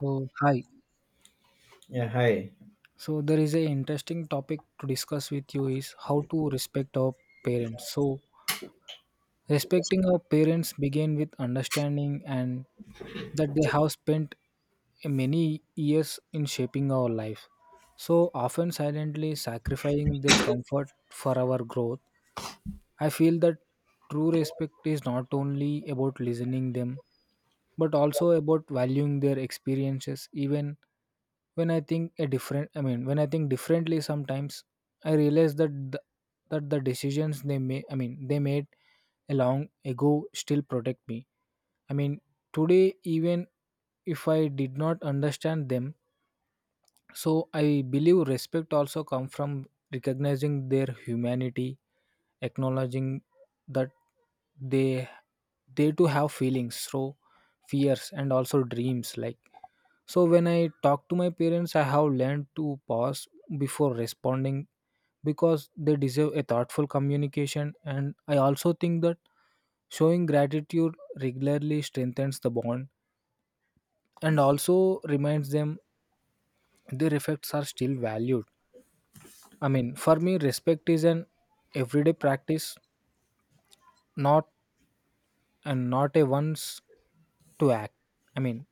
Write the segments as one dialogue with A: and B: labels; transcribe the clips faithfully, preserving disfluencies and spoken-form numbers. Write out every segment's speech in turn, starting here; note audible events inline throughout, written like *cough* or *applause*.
A: So hi.
B: Yeah, hi.
A: So there is a interesting topic to discuss with you is how to respect our parents. So respecting our parents begin with understanding and that they have spent many years in shaping our life. So often silently sacrificing their comfort for our growth. I feel that true respect is not only about listening them but also about valuing their experiences even when i think a different i mean when I think differently. Sometimes I realize that the, that the decisions they made i mean they made a long ago still protect me, I mean today, even if I did not understand them. So I believe respect also come from recognizing their humanity, acknowledging that they they too have feelings, so fears and also dreams like. So when I talk to my parents, I have learned to pause before responding because they deserve a thoughtful communication. And I also think that showing gratitude regularly strengthens the bond and also reminds them their efforts are still valued. I mean, for me, respect is an everyday practice, not and not a once to act. I mean,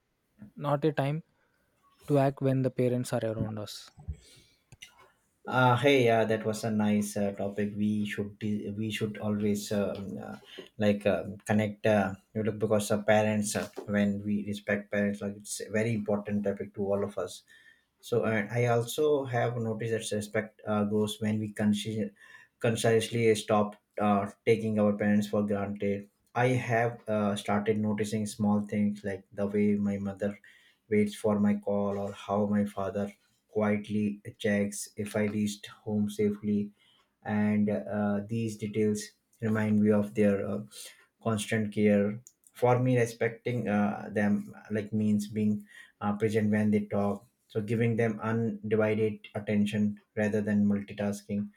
A: not a time to act when the parents are around us.
B: Uh, hey, uh, that was a nice uh, topic. We should de- we should always uh, um, uh, like um connect. Uh, you know, because uh, parents, uh, when we respect parents, like it's a very important topic to all of us. So, and I also have noticed that respect uh, grows when we consci- consciously stop uh, taking our parents for granted. I have uh, started noticing small things like the way my mother waits for my call or how my father quietly checks if I reached home safely. And uh, these details remind me of their uh, constant care for me, respecting uh, them, like, means being uh, present when they talk, so giving them undivided attention rather than multitasking.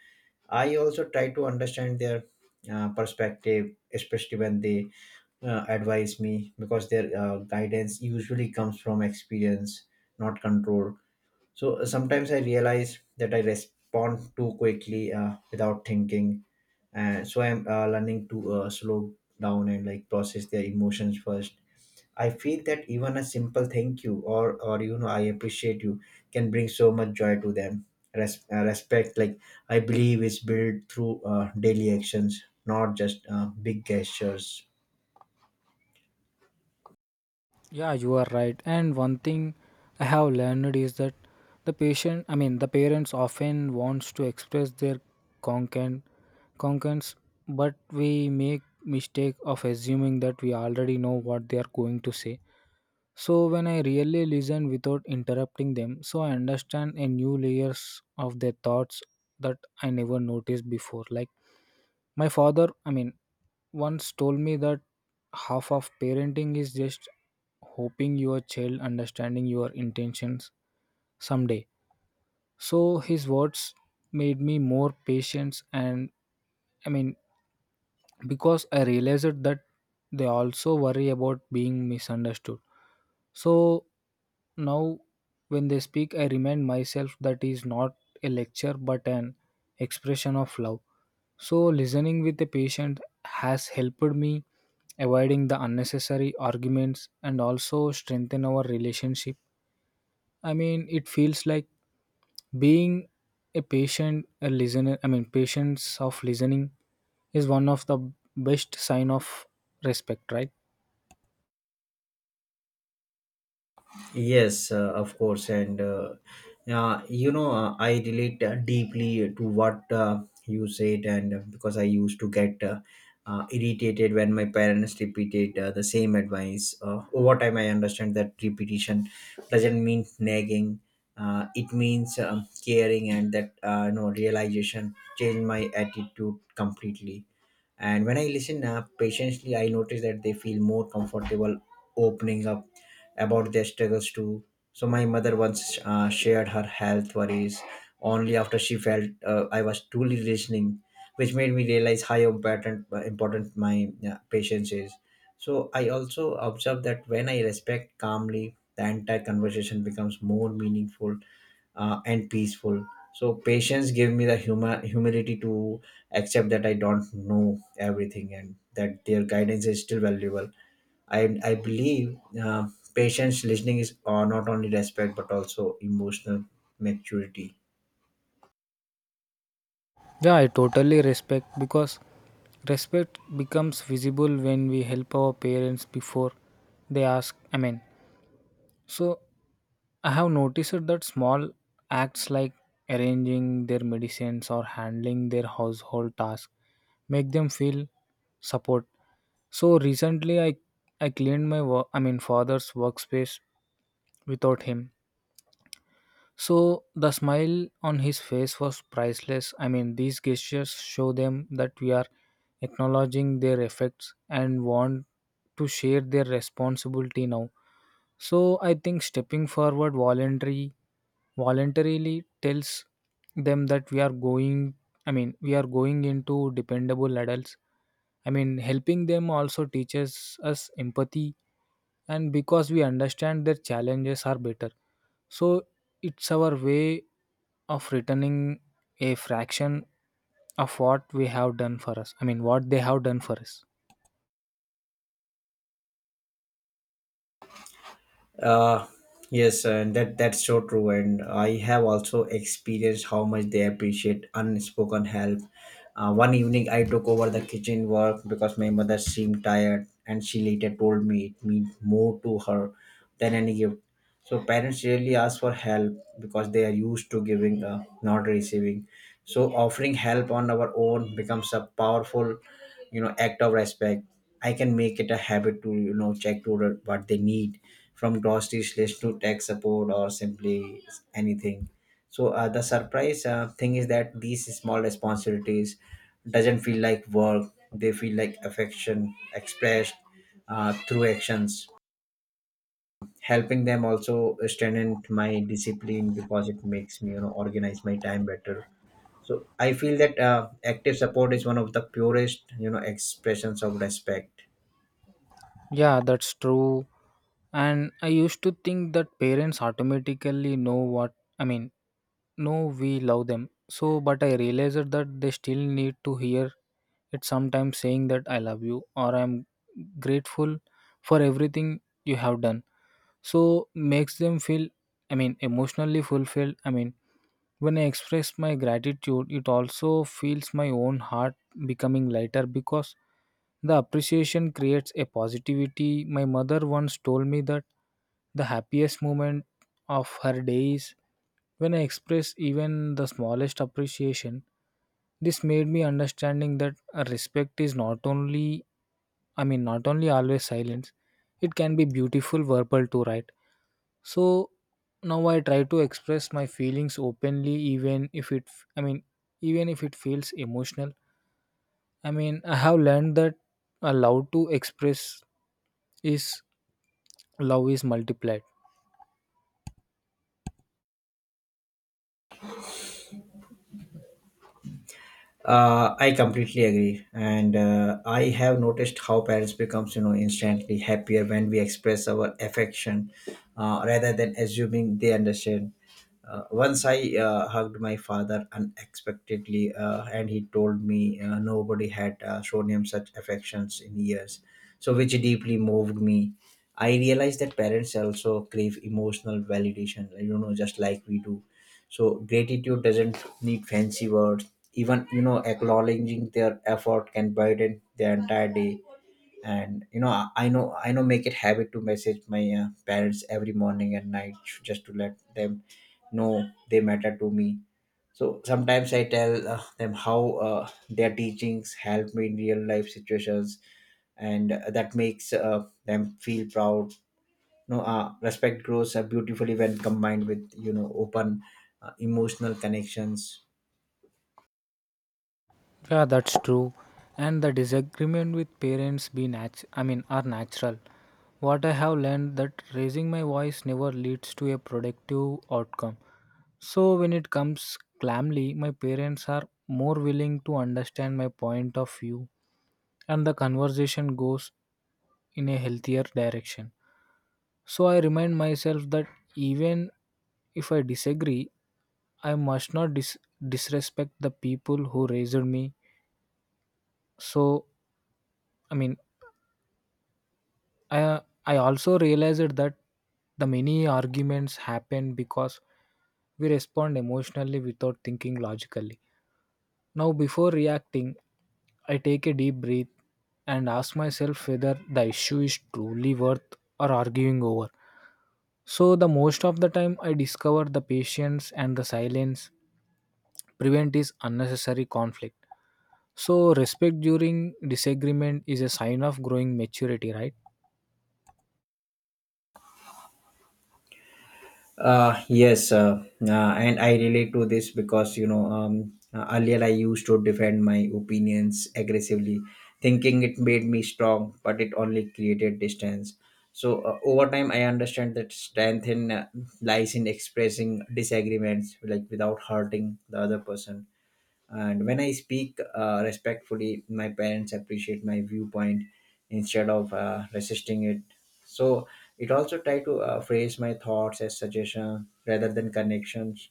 B: I also try to understand their uh, perspective, especially when they uh, advise me, because their uh, guidance usually comes from experience, not control. So uh, sometimes I realize that I respond too quickly uh, without thinking, and so I'm uh, learning to uh, slow down and, like, process their emotions first. I feel that even a simple thank you or or you know I appreciate you can bring so much joy to them. Res- uh, respect, like, I believe is built through uh, daily actions, not just uh, big gestures.
A: Yeah, you are right. And one thing I have learned is that the patient, I mean, the parents often wants to express their concern, concerns, but we make mistake of assuming that we already know what they are going to say. So when I really listen without interrupting them, so I understand a new layers of their thoughts that I never noticed before. Like my father, I mean, once told me that half of parenting is just hoping your child understanding your intentions someday. So his words made me more patient and, I mean, because I realized that they also worry about being misunderstood. So now when they speak I remind myself that is not a lecture but an expression of love. So, listening with a patient has helped me avoiding the unnecessary arguments and also strengthen our relationship. I mean, it feels like being a patient, a listener, I mean, patience of listening is one of the best sign of respect, right?
B: Yes, uh, of course, and uh, uh, you know, uh, I relate uh, deeply to what uh, you said, and uh, because I used to get uh, uh, irritated when my parents repeated uh, the same advice. Uh, over time, I understand that repetition doesn't mean nagging; uh, it means um, caring, and that uh, no realization changed my attitude completely. And when I listen uh, patiently, I notice that they feel more comfortable opening up about their struggles too. So my mother once uh, shared her health worries only after she felt uh, I was truly listening, which made me realize how important uh, important my uh, patience is. So I also observe that when I respect calmly, the entire conversation becomes more meaningful uh, and peaceful. So patience gave me the humor, humility to accept that I don't know everything and that their guidance is still valuable. I I believe uh, patience listening is uh, not only respect but also emotional maturity.
A: Yeah, I totally respect because respect becomes visible when we help our parents before they ask. I mean, so I have noticed that small acts like arranging their medicines or handling their household tasks make them feel support. So recently I I cleaned my work I mean father's workspace without him, so the smile on his face was priceless. I mean, these gestures show them that we are acknowledging their effects and want to share their responsibility now. So I think stepping forward voluntary voluntarily tells them that we are going I mean we are going into dependable adults. I mean helping them also teaches us empathy, and because we understand their challenges are better, so it's our way of returning a fraction of what we have done for us i mean what they have done for us.
B: Uh, yes, and that that's so true. And I have also experienced how much they appreciate unspoken help. Uh, one evening, I took over the kitchen work because my mother seemed tired, and she later told me it meant more to her than any gift. So parents rarely ask for help because they are used to giving, uh, not receiving. So offering help on our own becomes a powerful, you know, act of respect. I can make it a habit to, you know, check to the- what they need, from groceries list to tech support, or simply anything. So uh, the surprise uh, thing is that these small responsibilities doesn't feel like work. They feel like affection expressed uh, through actions. Helping them also strengthen my discipline because it makes me, you know, organize my time better. So I feel that uh, active support is one of the purest, you know, expressions of respect.
A: Yeah, that's true. And I used to think that parents automatically know what I mean know we love them. So but I realized that they still need to hear it sometimes, saying that I love you or I'm grateful for everything you have done, so makes them feel, I mean, emotionally fulfilled. I mean, when I express my gratitude it also feels my own heart becoming lighter because the appreciation creates a positivity. My mother once told me that the happiest moment of her day is when I express even the smallest appreciation. This made me understanding that a respect is not only i mean not only always silence. It can be beautiful verbal too, right? So now I try to express my feelings openly, even if it i mean even if it feels emotional. I mean, I have learned that allowed to express is love is multiplied.
B: uh, I completely agree, and uh, I have noticed how parents becomes, you know, instantly happier when we express our affection, uh, rather than assuming they understand. Uh, once I uh, hugged my father unexpectedly, uh, and he told me uh, nobody had uh, shown him such affections in years, so which deeply moved me. I realized that parents also crave emotional validation, like, you know, just like we do. So gratitude doesn't need fancy words. Even, you know, acknowledging their effort can brighten their entire day. And, you know, I I know I know make it habit to message my uh, parents every morning and night, just to let them know they matter to me. So sometimes I tell uh, them how uh, their teachings help me in real life situations, and uh, that makes uh, them feel proud. No, know, uh, Respect grows uh, beautifully when combined with, you know, open uh, emotional connections.
A: Yeah, that's true. And the disagreement with parents be nat- I mean are natural. What I have learned that raising my voice never leads to a productive outcome. So when it comes calmly my parents are more willing to understand my point of view, and the conversation goes in a healthier direction. So I remind myself that even if I disagree, I must not dis- disrespect the people who raised me. So, I mean, I I also realized that the many arguments happen because we respond emotionally without thinking logically. Now, before reacting, I take a deep breath and ask myself whether the issue is truly worth or arguing over. So, the most of the time, I discover the patience and the silence prevent is unnecessary conflict. So, respect during disagreement is a sign of growing maturity, right?
B: Uh, yes, uh, uh, and I relate to this because, you know, um, uh, earlier I used to defend my opinions aggressively, thinking it made me strong, but it only created distance. So uh, over time, I understand that strength in uh, lies in expressing disagreements, like, without hurting the other person. And when I speak uh, respectfully, my parents appreciate my viewpoint instead of uh, resisting it. So it also try to uh, phrase my thoughts as suggestion rather than connections,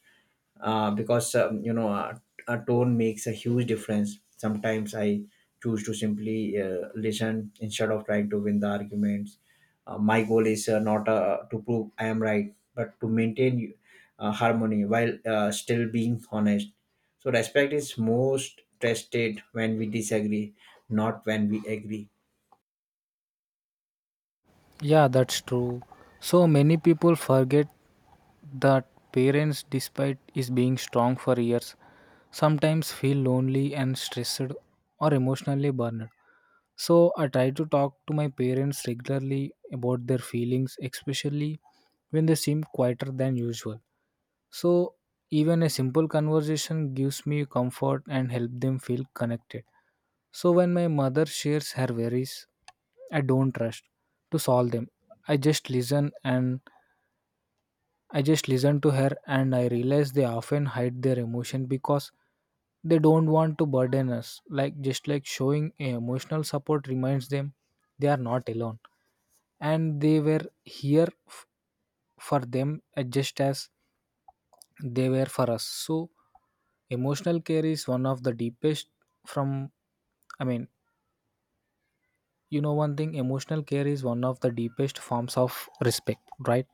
B: uh, because, um, you know, a, a tone makes a huge difference. Sometimes I choose to simply uh, listen instead of trying to win the arguments. Uh, my goal is uh, not uh, to prove I am right, but to maintain uh, harmony while uh, still being honest. So respect is most tested when we disagree, not when we agree.
A: Yeah, that's true. So many people forget that parents, despite is being strong for years, sometimes feel lonely and stressed or emotionally burned. So I try to talk to my parents regularly about their feelings, especially when they seem quieter than usual. So even a simple conversation gives me comfort and help them feel connected. So when my mother shares her worries, I don't rush to solve them. I just listen and I just listened to her, and I realized they often hide their emotion because they don't want to burden us. Like, just like showing a emotional support reminds them they are not alone and they were here f- for them, uh, just as they were for us. So emotional care is one of the deepest from, I mean, you know one thing, emotional care is one of the deepest forms of respect, right?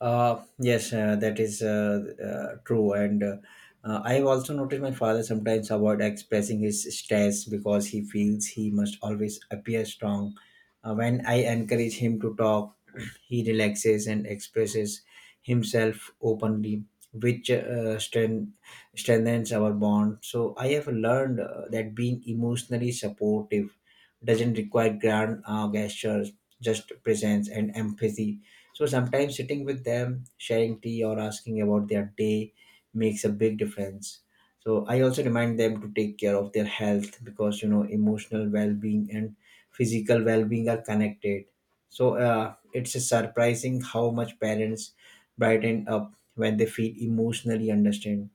B: Uh, yes, uh, that is uh, uh, true. And uh, uh, I've also noticed my father sometimes avoid expressing his stress because he feels he must always appear strong. Uh, when I encourage him to talk, *clears throat* he relaxes and expresses himself openly, which uh, strength, strengthens our bond. So I have learned uh, that being emotionally supportive doesn't require grand uh, gestures, just presence and empathy. So sometimes sitting with them, sharing tea or asking about their day makes a big difference. So I also remind them to take care of their health because, you know, emotional well-being and physical well-being are connected. So uh, it's surprising how much parents brighten up when they feel emotionally understood.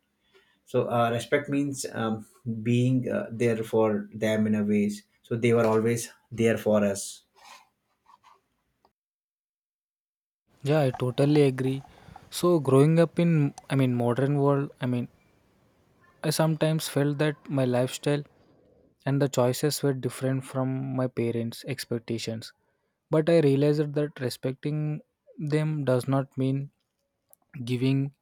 B: So uh, respect means, um, being uh, there for them in a ways. So they were always there for us.
A: Yeah, I totally agree. So, growing up in, I mean, modern world, I mean, I sometimes felt that my lifestyle and the choices were different from my parents' expectations. But I realized that respecting them does not mean giving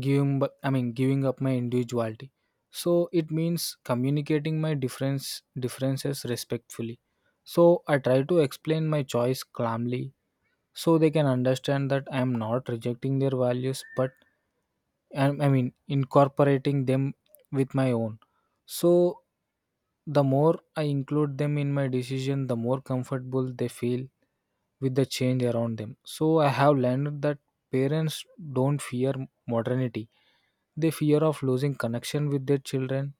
A: giving bu- I mean giving up my individuality. So it means communicating my difference differences respectfully. So I try to explain my choice calmly so they can understand that I am not rejecting their values, but and I mean incorporating them with my own. So the more I include them in my decision, the more comfortable they feel with the change around them. So I have learned that parents don't fear modernity, they fear of losing connection with their children.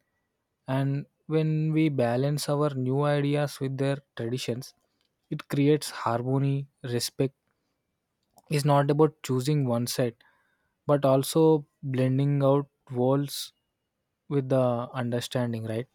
A: And when we balance our new ideas with their traditions it creates harmony. Respect is not about choosing one side but also blending out walls with the understanding, right?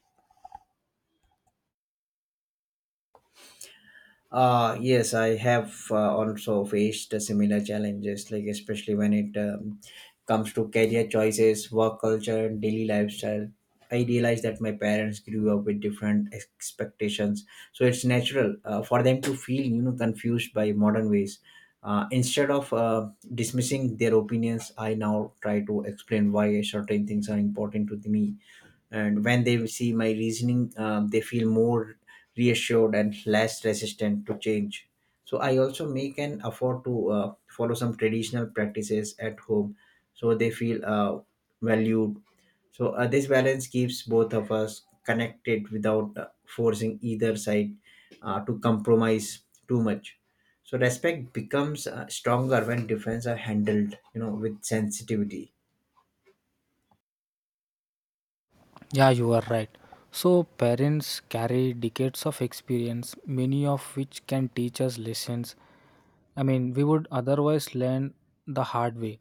B: Uh, yes, I have uh, also faced similar challenges, like, especially when it um, comes to career choices, work culture, and daily lifestyle. I realized that my parents grew up with different expectations, so it's natural uh, for them to feel, you know, confused by modern ways. Uh, instead of uh, dismissing their opinions, I now try to explain why certain things are important to me, and when they see my reasoning, um, they feel more reassured and less resistant to change. So I also make an effort to uh, follow some traditional practices at home, so they feel uh, valued. So uh, this balance keeps both of us connected without uh, forcing either side uh, to compromise too much. So respect becomes uh, stronger when differences are handled, you know, with sensitivity.
A: Yeah, you are right. So parents carry decades of experience, many of which can teach us lessons, I mean, we would otherwise learn the hard way.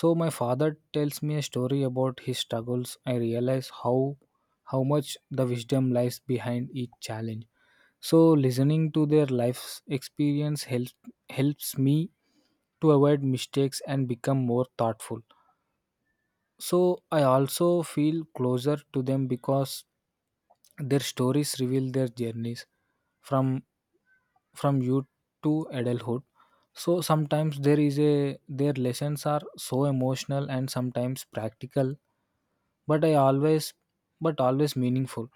A: So my father tells me a story about his struggles, I realize how how much the wisdom lies behind each challenge. So listening to their life's experience helps helps me to avoid mistakes and become more thoughtful. So I also feel closer to them because their stories reveal their journeys from from youth to adulthood. So sometimes there is a their lessons are so emotional and sometimes practical, but I always but always meaningful.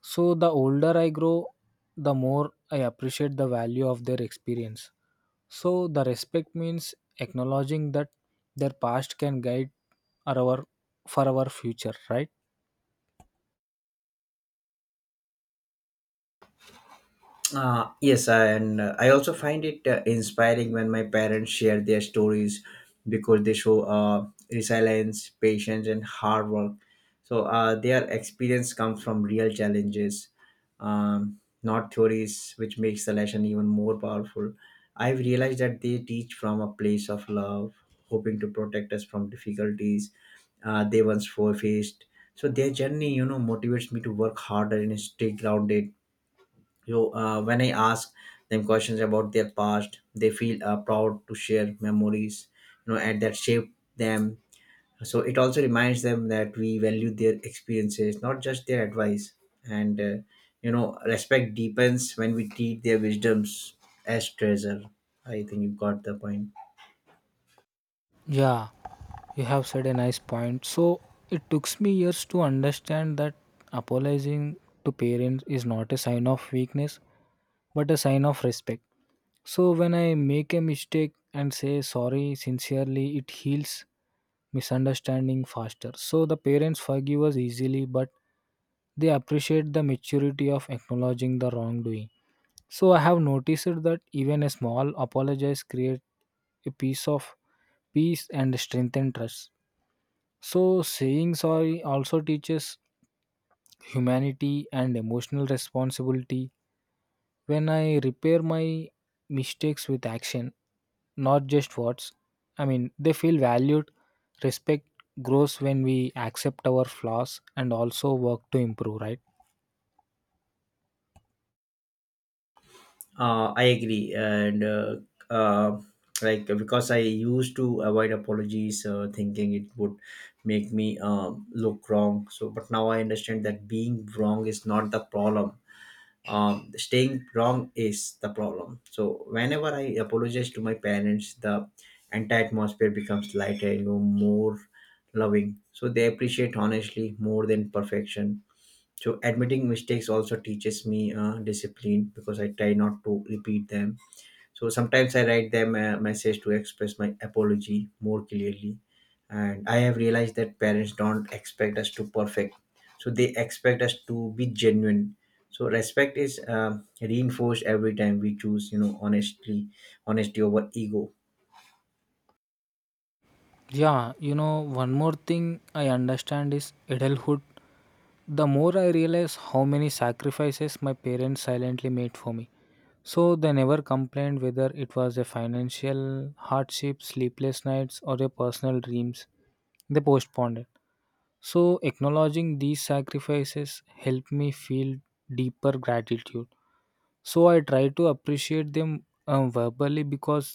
A: So the older I grow, the more I appreciate the value of their experience. So the respect means acknowledging that their past can guide our for our future, right?
B: Uh, yes, and uh, I also find it uh, inspiring when my parents share their stories because they show uh, resilience, patience, and hard work. So uh, their experience comes from real challenges, um, not theories, which makes the lesson even more powerful. I've realized that they teach from a place of love, hoping to protect us from difficulties uh, they once faced. So their journey, you know, motivates me to work harder and stay grounded. So uh, when I ask them questions about their past, they feel uh, proud to share memories, you know, and that shape them. So it also reminds them that we value their experiences, not just their advice. And uh, you know, respect deepens when we treat their wisdoms as treasure. I think you got the point.
A: Yeah, you have said a nice point. So it took me years to understand that apologizing to parents is not a sign of weakness but a sign of respect. So when I make a mistake and say sorry sincerely, it heals misunderstanding faster. So the parents forgive us easily, but they appreciate the maturity of acknowledging the wrongdoing. So I have noticed that even a small apologize create a piece of peace and strengthen trust. So saying sorry also teaches humanity and emotional responsibility when I repair my mistakes with action, not just words, I mean, they feel valued. Respect grows when we accept our flaws and also work to improve, right?
B: Uh, I agree, and uh, uh, like, because I used to avoid apologies, uh, thinking it would make me um, look wrong. So, but now I understand that being wrong is not the problem. Um, staying wrong is the problem. So, whenever I apologize to my parents, the entire atmosphere becomes lighter, you know, more loving. So they appreciate honestly more than perfection. So admitting mistakes also teaches me uh, discipline because I try not to repeat them. So sometimes I write them a message to express my apology more clearly, and I have realized that parents don't expect us to perfect, so they expect us to be genuine. So respect is um reinforced every time we choose, you know, honestly honesty over ego.
A: Yeah, you know, one more thing I understand is adulthood. The more I realize how many sacrifices my parents silently made for me. So they never complained whether it was a financial hardship, sleepless nights, or a personal dreams. They postponed it. So, acknowledging these sacrifices helped me feel deeper gratitude. So, I try to appreciate them um, verbally because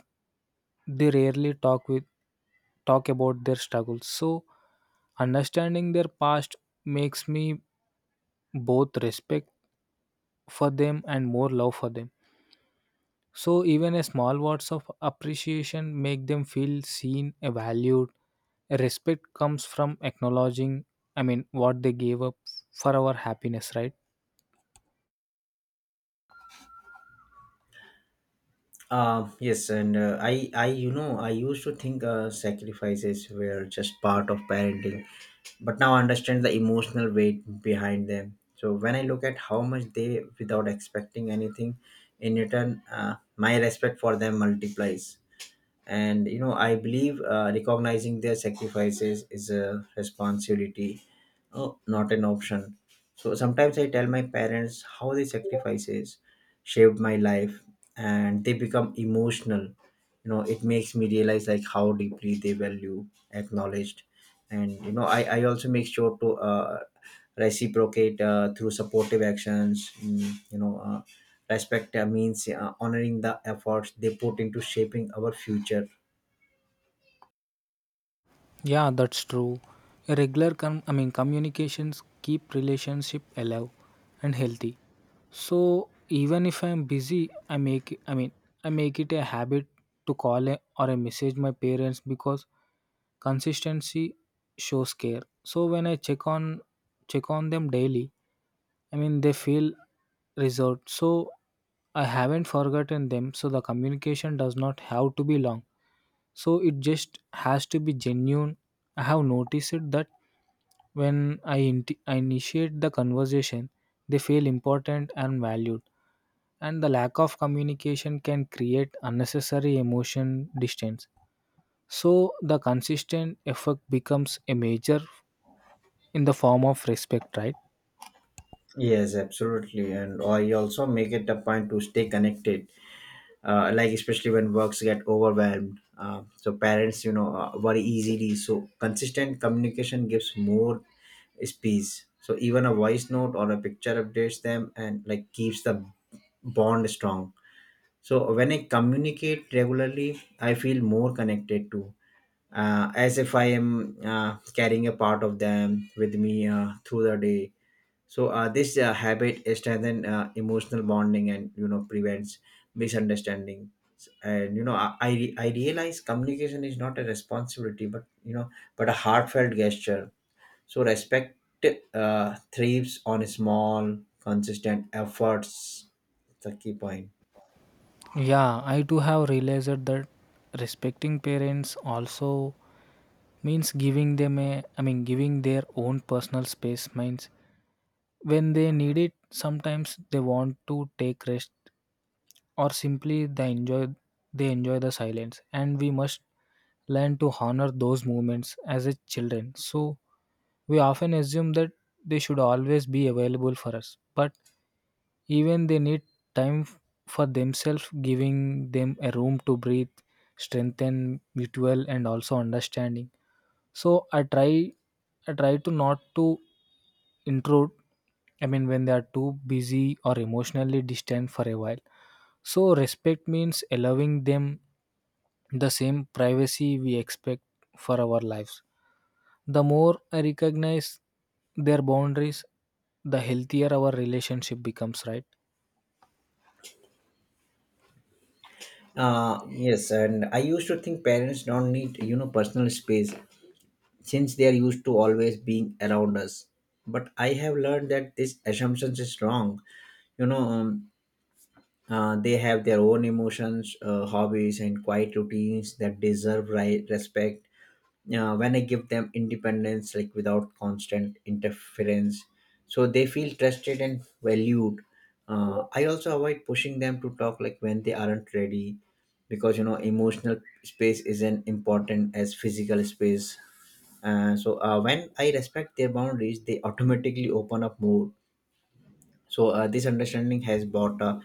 A: they rarely talk with talk about their struggles. So, understanding their past makes me both respect for them and more love for them. So even a small words of appreciation make them feel seen, uh, valued. Respect comes from acknowledging, I mean, what they gave up for our happiness, right?
B: Uh, yes, and uh, I, I, you know, I used to think uh, sacrifices were just part of parenting, but now I understand the emotional weight behind them. So when I look at how much they, without expecting anything in return, uh, my respect for them multiplies. And you know I believe, uh, recognizing their sacrifices is a responsibility, oh, not an option. So sometimes I tell my parents how their sacrifices shaped my life, and they become emotional. You know it makes me realize like how deeply they value acknowledged. And you know i, I also make sure to uh, reciprocate uh, through supportive actions. Mm, you know uh, respect uh, means uh, honoring the efforts they put into shaping our future.
A: Yeah, that's true. A regular com- I mean communications keep relationship alive and healthy. So even if I'm busy, I make I mean I make it a habit to call a, or a message my parents because consistency shows care. So when I check on check on them daily, I mean they feel reserved. So I haven't forgotten them. So the communication does not have to be long, so it just has to be genuine. I have noticed it that when I, inti I initiate the conversation, they feel important and valued, and the lack of communication can create unnecessary emotion distance. So the consistent effort becomes a major in the form of respect, right?
B: Yes, absolutely, and I also make it a point to stay connected, uh, like especially when works get overwhelmed. Uh, so parents, you know uh, worry easily, so consistent communication gives more space. So even a voice note or a picture updates them and like keeps the bond strong. So when I communicate regularly, I feel more connected to, uh, as if I am uh, carrying a part of them with me uh, through the day. So uh, this uh, habit strengthens uh, emotional bonding and you know prevents misunderstanding. And you know i I, re- I realize communication is not a responsibility but you know but a heartfelt gesture. So respect uh, thrives on small consistent efforts. It's a key point.
A: Yeah, I do have realized that respecting parents also means giving them a i mean giving their own personal space, means when they need it, sometimes they want to take rest, or simply they enjoy they enjoy the silence, and we must learn to honor those moments as a children. So we often assume that they should always be available for us, but even they need time f- for themselves. Giving them a room to breathe strengthen mutual and also understanding. So I try I try to not to intrude, I mean, when they are too busy or emotionally distant for a while. So, respect means allowing them the same privacy we expect for our lives. The more I recognize their boundaries, the healthier our relationship becomes, right?
B: Uh yes, and I used to think parents don't need you know personal space, since they are used to always being around us, but I have learned that this assumption is wrong. you know um, uh, they have their own emotions, uh, hobbies and quiet routines that deserve right respect. Uh, when I give them independence like without constant interference, so they feel trusted and valued. uh, I also avoid pushing them to talk like when they aren't ready, because you know emotional space isn't important as physical space. Uh, so uh, when I respect their boundaries, they automatically open up more. So uh, this understanding has brought a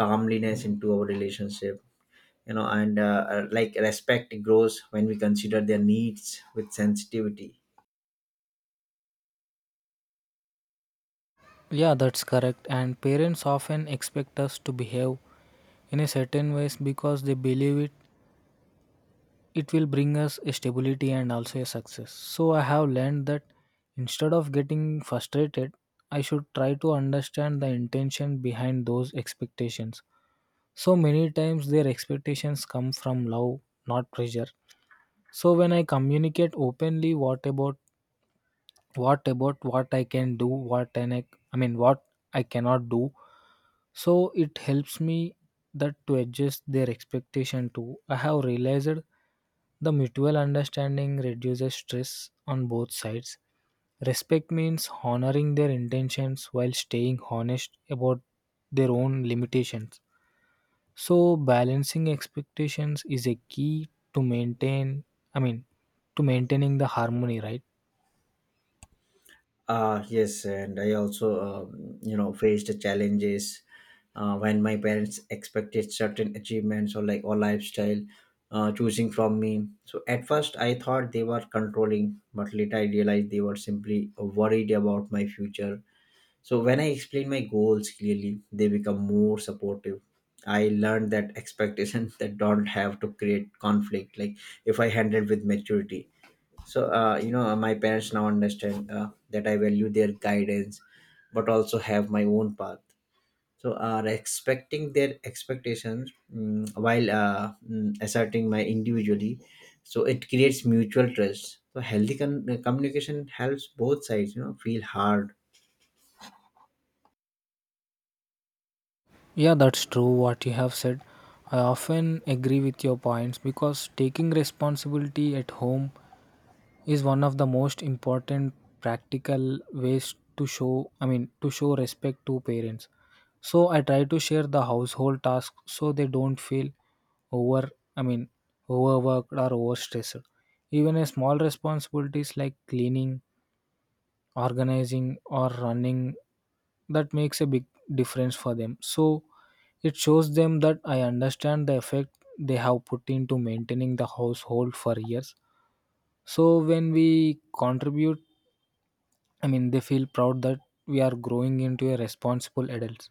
B: calmliness into our relationship. You know and uh, uh, Like respect grows when we consider their needs with sensitivity.
A: Yeah, that's correct. And parents often expect us to behave in a certain ways, because they believe it it will bring us a stability and also a success. So I have learned that instead of getting frustrated, I should try to understand the intention behind those expectations. So many times their expectations come from love, not pressure. So when I communicate openly, what about what about what I can do, what and I, I mean what I cannot do, so it helps me that to adjust their expectation too. I have realized the mutual understanding reduces stress on both sides. Respect means honoring their intentions while staying honest about their own limitations. So balancing expectations is a key to maintain I mean to maintaining the harmony, right?
B: Uh yes, and I also um, you know faced challenges uh, when my parents expected certain achievements or like or lifestyle uh, choosing from me. So at first I thought they were controlling, but later I realized they were simply worried about my future. So when I explain my goals clearly, they become more supportive. I learned that expectations *laughs* that don't have to create conflict, like if I handle with maturity. So, uh, you know, uh, my parents now understand uh, that I value their guidance, but also have my own path. So uh, respecting their expectations, mm, while uh, mm, asserting my individually, so it creates mutual trust. So healthy con- communication helps both sides, you know, feel hard.
A: Yeah, that's true what you have said. I often agree with your points, because taking responsibility at home is one of the most important practical ways to show, I mean to show respect to parents. So I try to share the household tasks so they don't feel over, I mean overworked or overstressed. Even a small responsibilities like cleaning, organizing, or running, that makes a big difference for them. So it shows them that I understand the effect they have put into maintaining the household for years. So when we contribute, i mean they feel proud that we are growing into a responsible adults.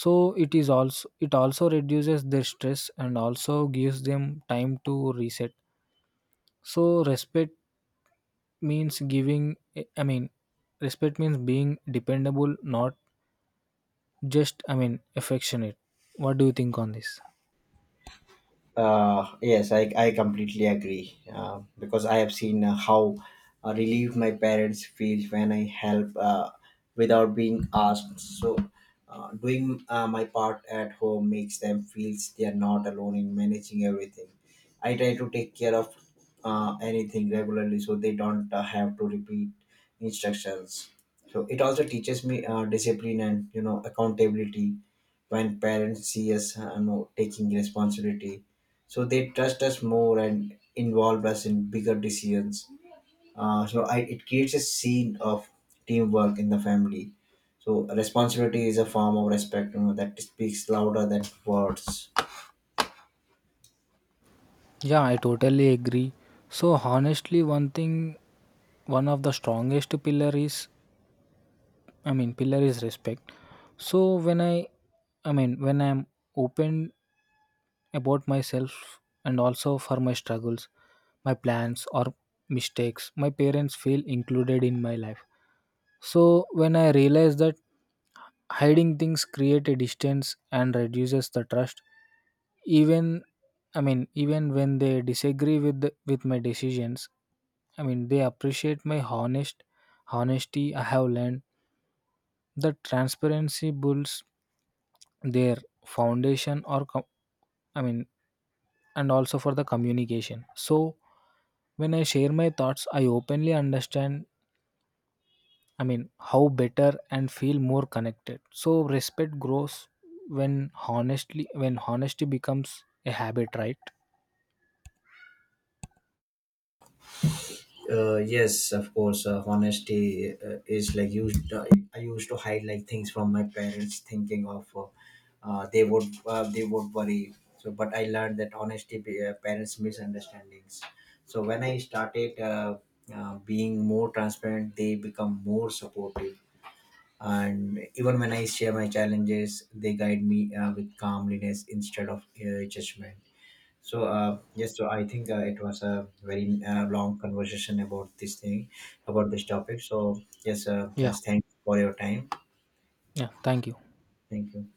A: So it is also it also reduces their stress and also gives them time to reset. So respect means giving, i mean respect means being dependable, not just, i mean affectionate. What do you think on this?
B: Uh, yes, I, I completely agree, uh, because I have seen uh, how uh, relieved my parents feel when I help, uh, without being asked. So, uh, doing uh, my part at home makes them feel they are not alone in managing everything. I try to take care of uh, anything regularly so they don't uh, have to repeat instructions. So, it also teaches me uh, discipline and you know accountability. When parents see us uh, you know, taking responsibility, so they trust us more and involve us in bigger decisions. Uh, so I, it creates a scene of teamwork in the family. So responsibility is a form of respect, you know, that speaks louder than words.
A: Yeah, I totally agree. So honestly, one thing, one of the strongest pillar is i mean pillar is respect. So when i i mean when I'm open about myself and also for my struggles, my plans, or mistakes, my parents feel included in my life. So when I realized that hiding things create a distance and reduces the trust, even, I mean, even when they disagree with the, with my decisions, I mean, they appreciate my honest honesty. I have learned that transparency builds their foundation or com- I mean and also for the communication. So when I share my thoughts, I openly understand, I mean, how better and feel more connected. So respect grows when honestly, when honesty becomes a habit, right?
B: Uh, yes, of course, uh, honesty uh, is like used, uh, I used to hide like things from my parents thinking of, uh, uh, they would, uh, they would worry. So but I learned that honesty be, uh, parents misunderstandings. So when I started, uh, uh, being more transparent, they become more supportive. And even when I share my challenges, they guide me uh, with calmliness instead of uh, judgment. So uh, yes, so I think uh, it was a very uh, long conversation about this thing, about this topic. So yes, uh,
A: Yeah.
B: just thanks for your time.
A: Yeah. Thank you.
B: Thank you.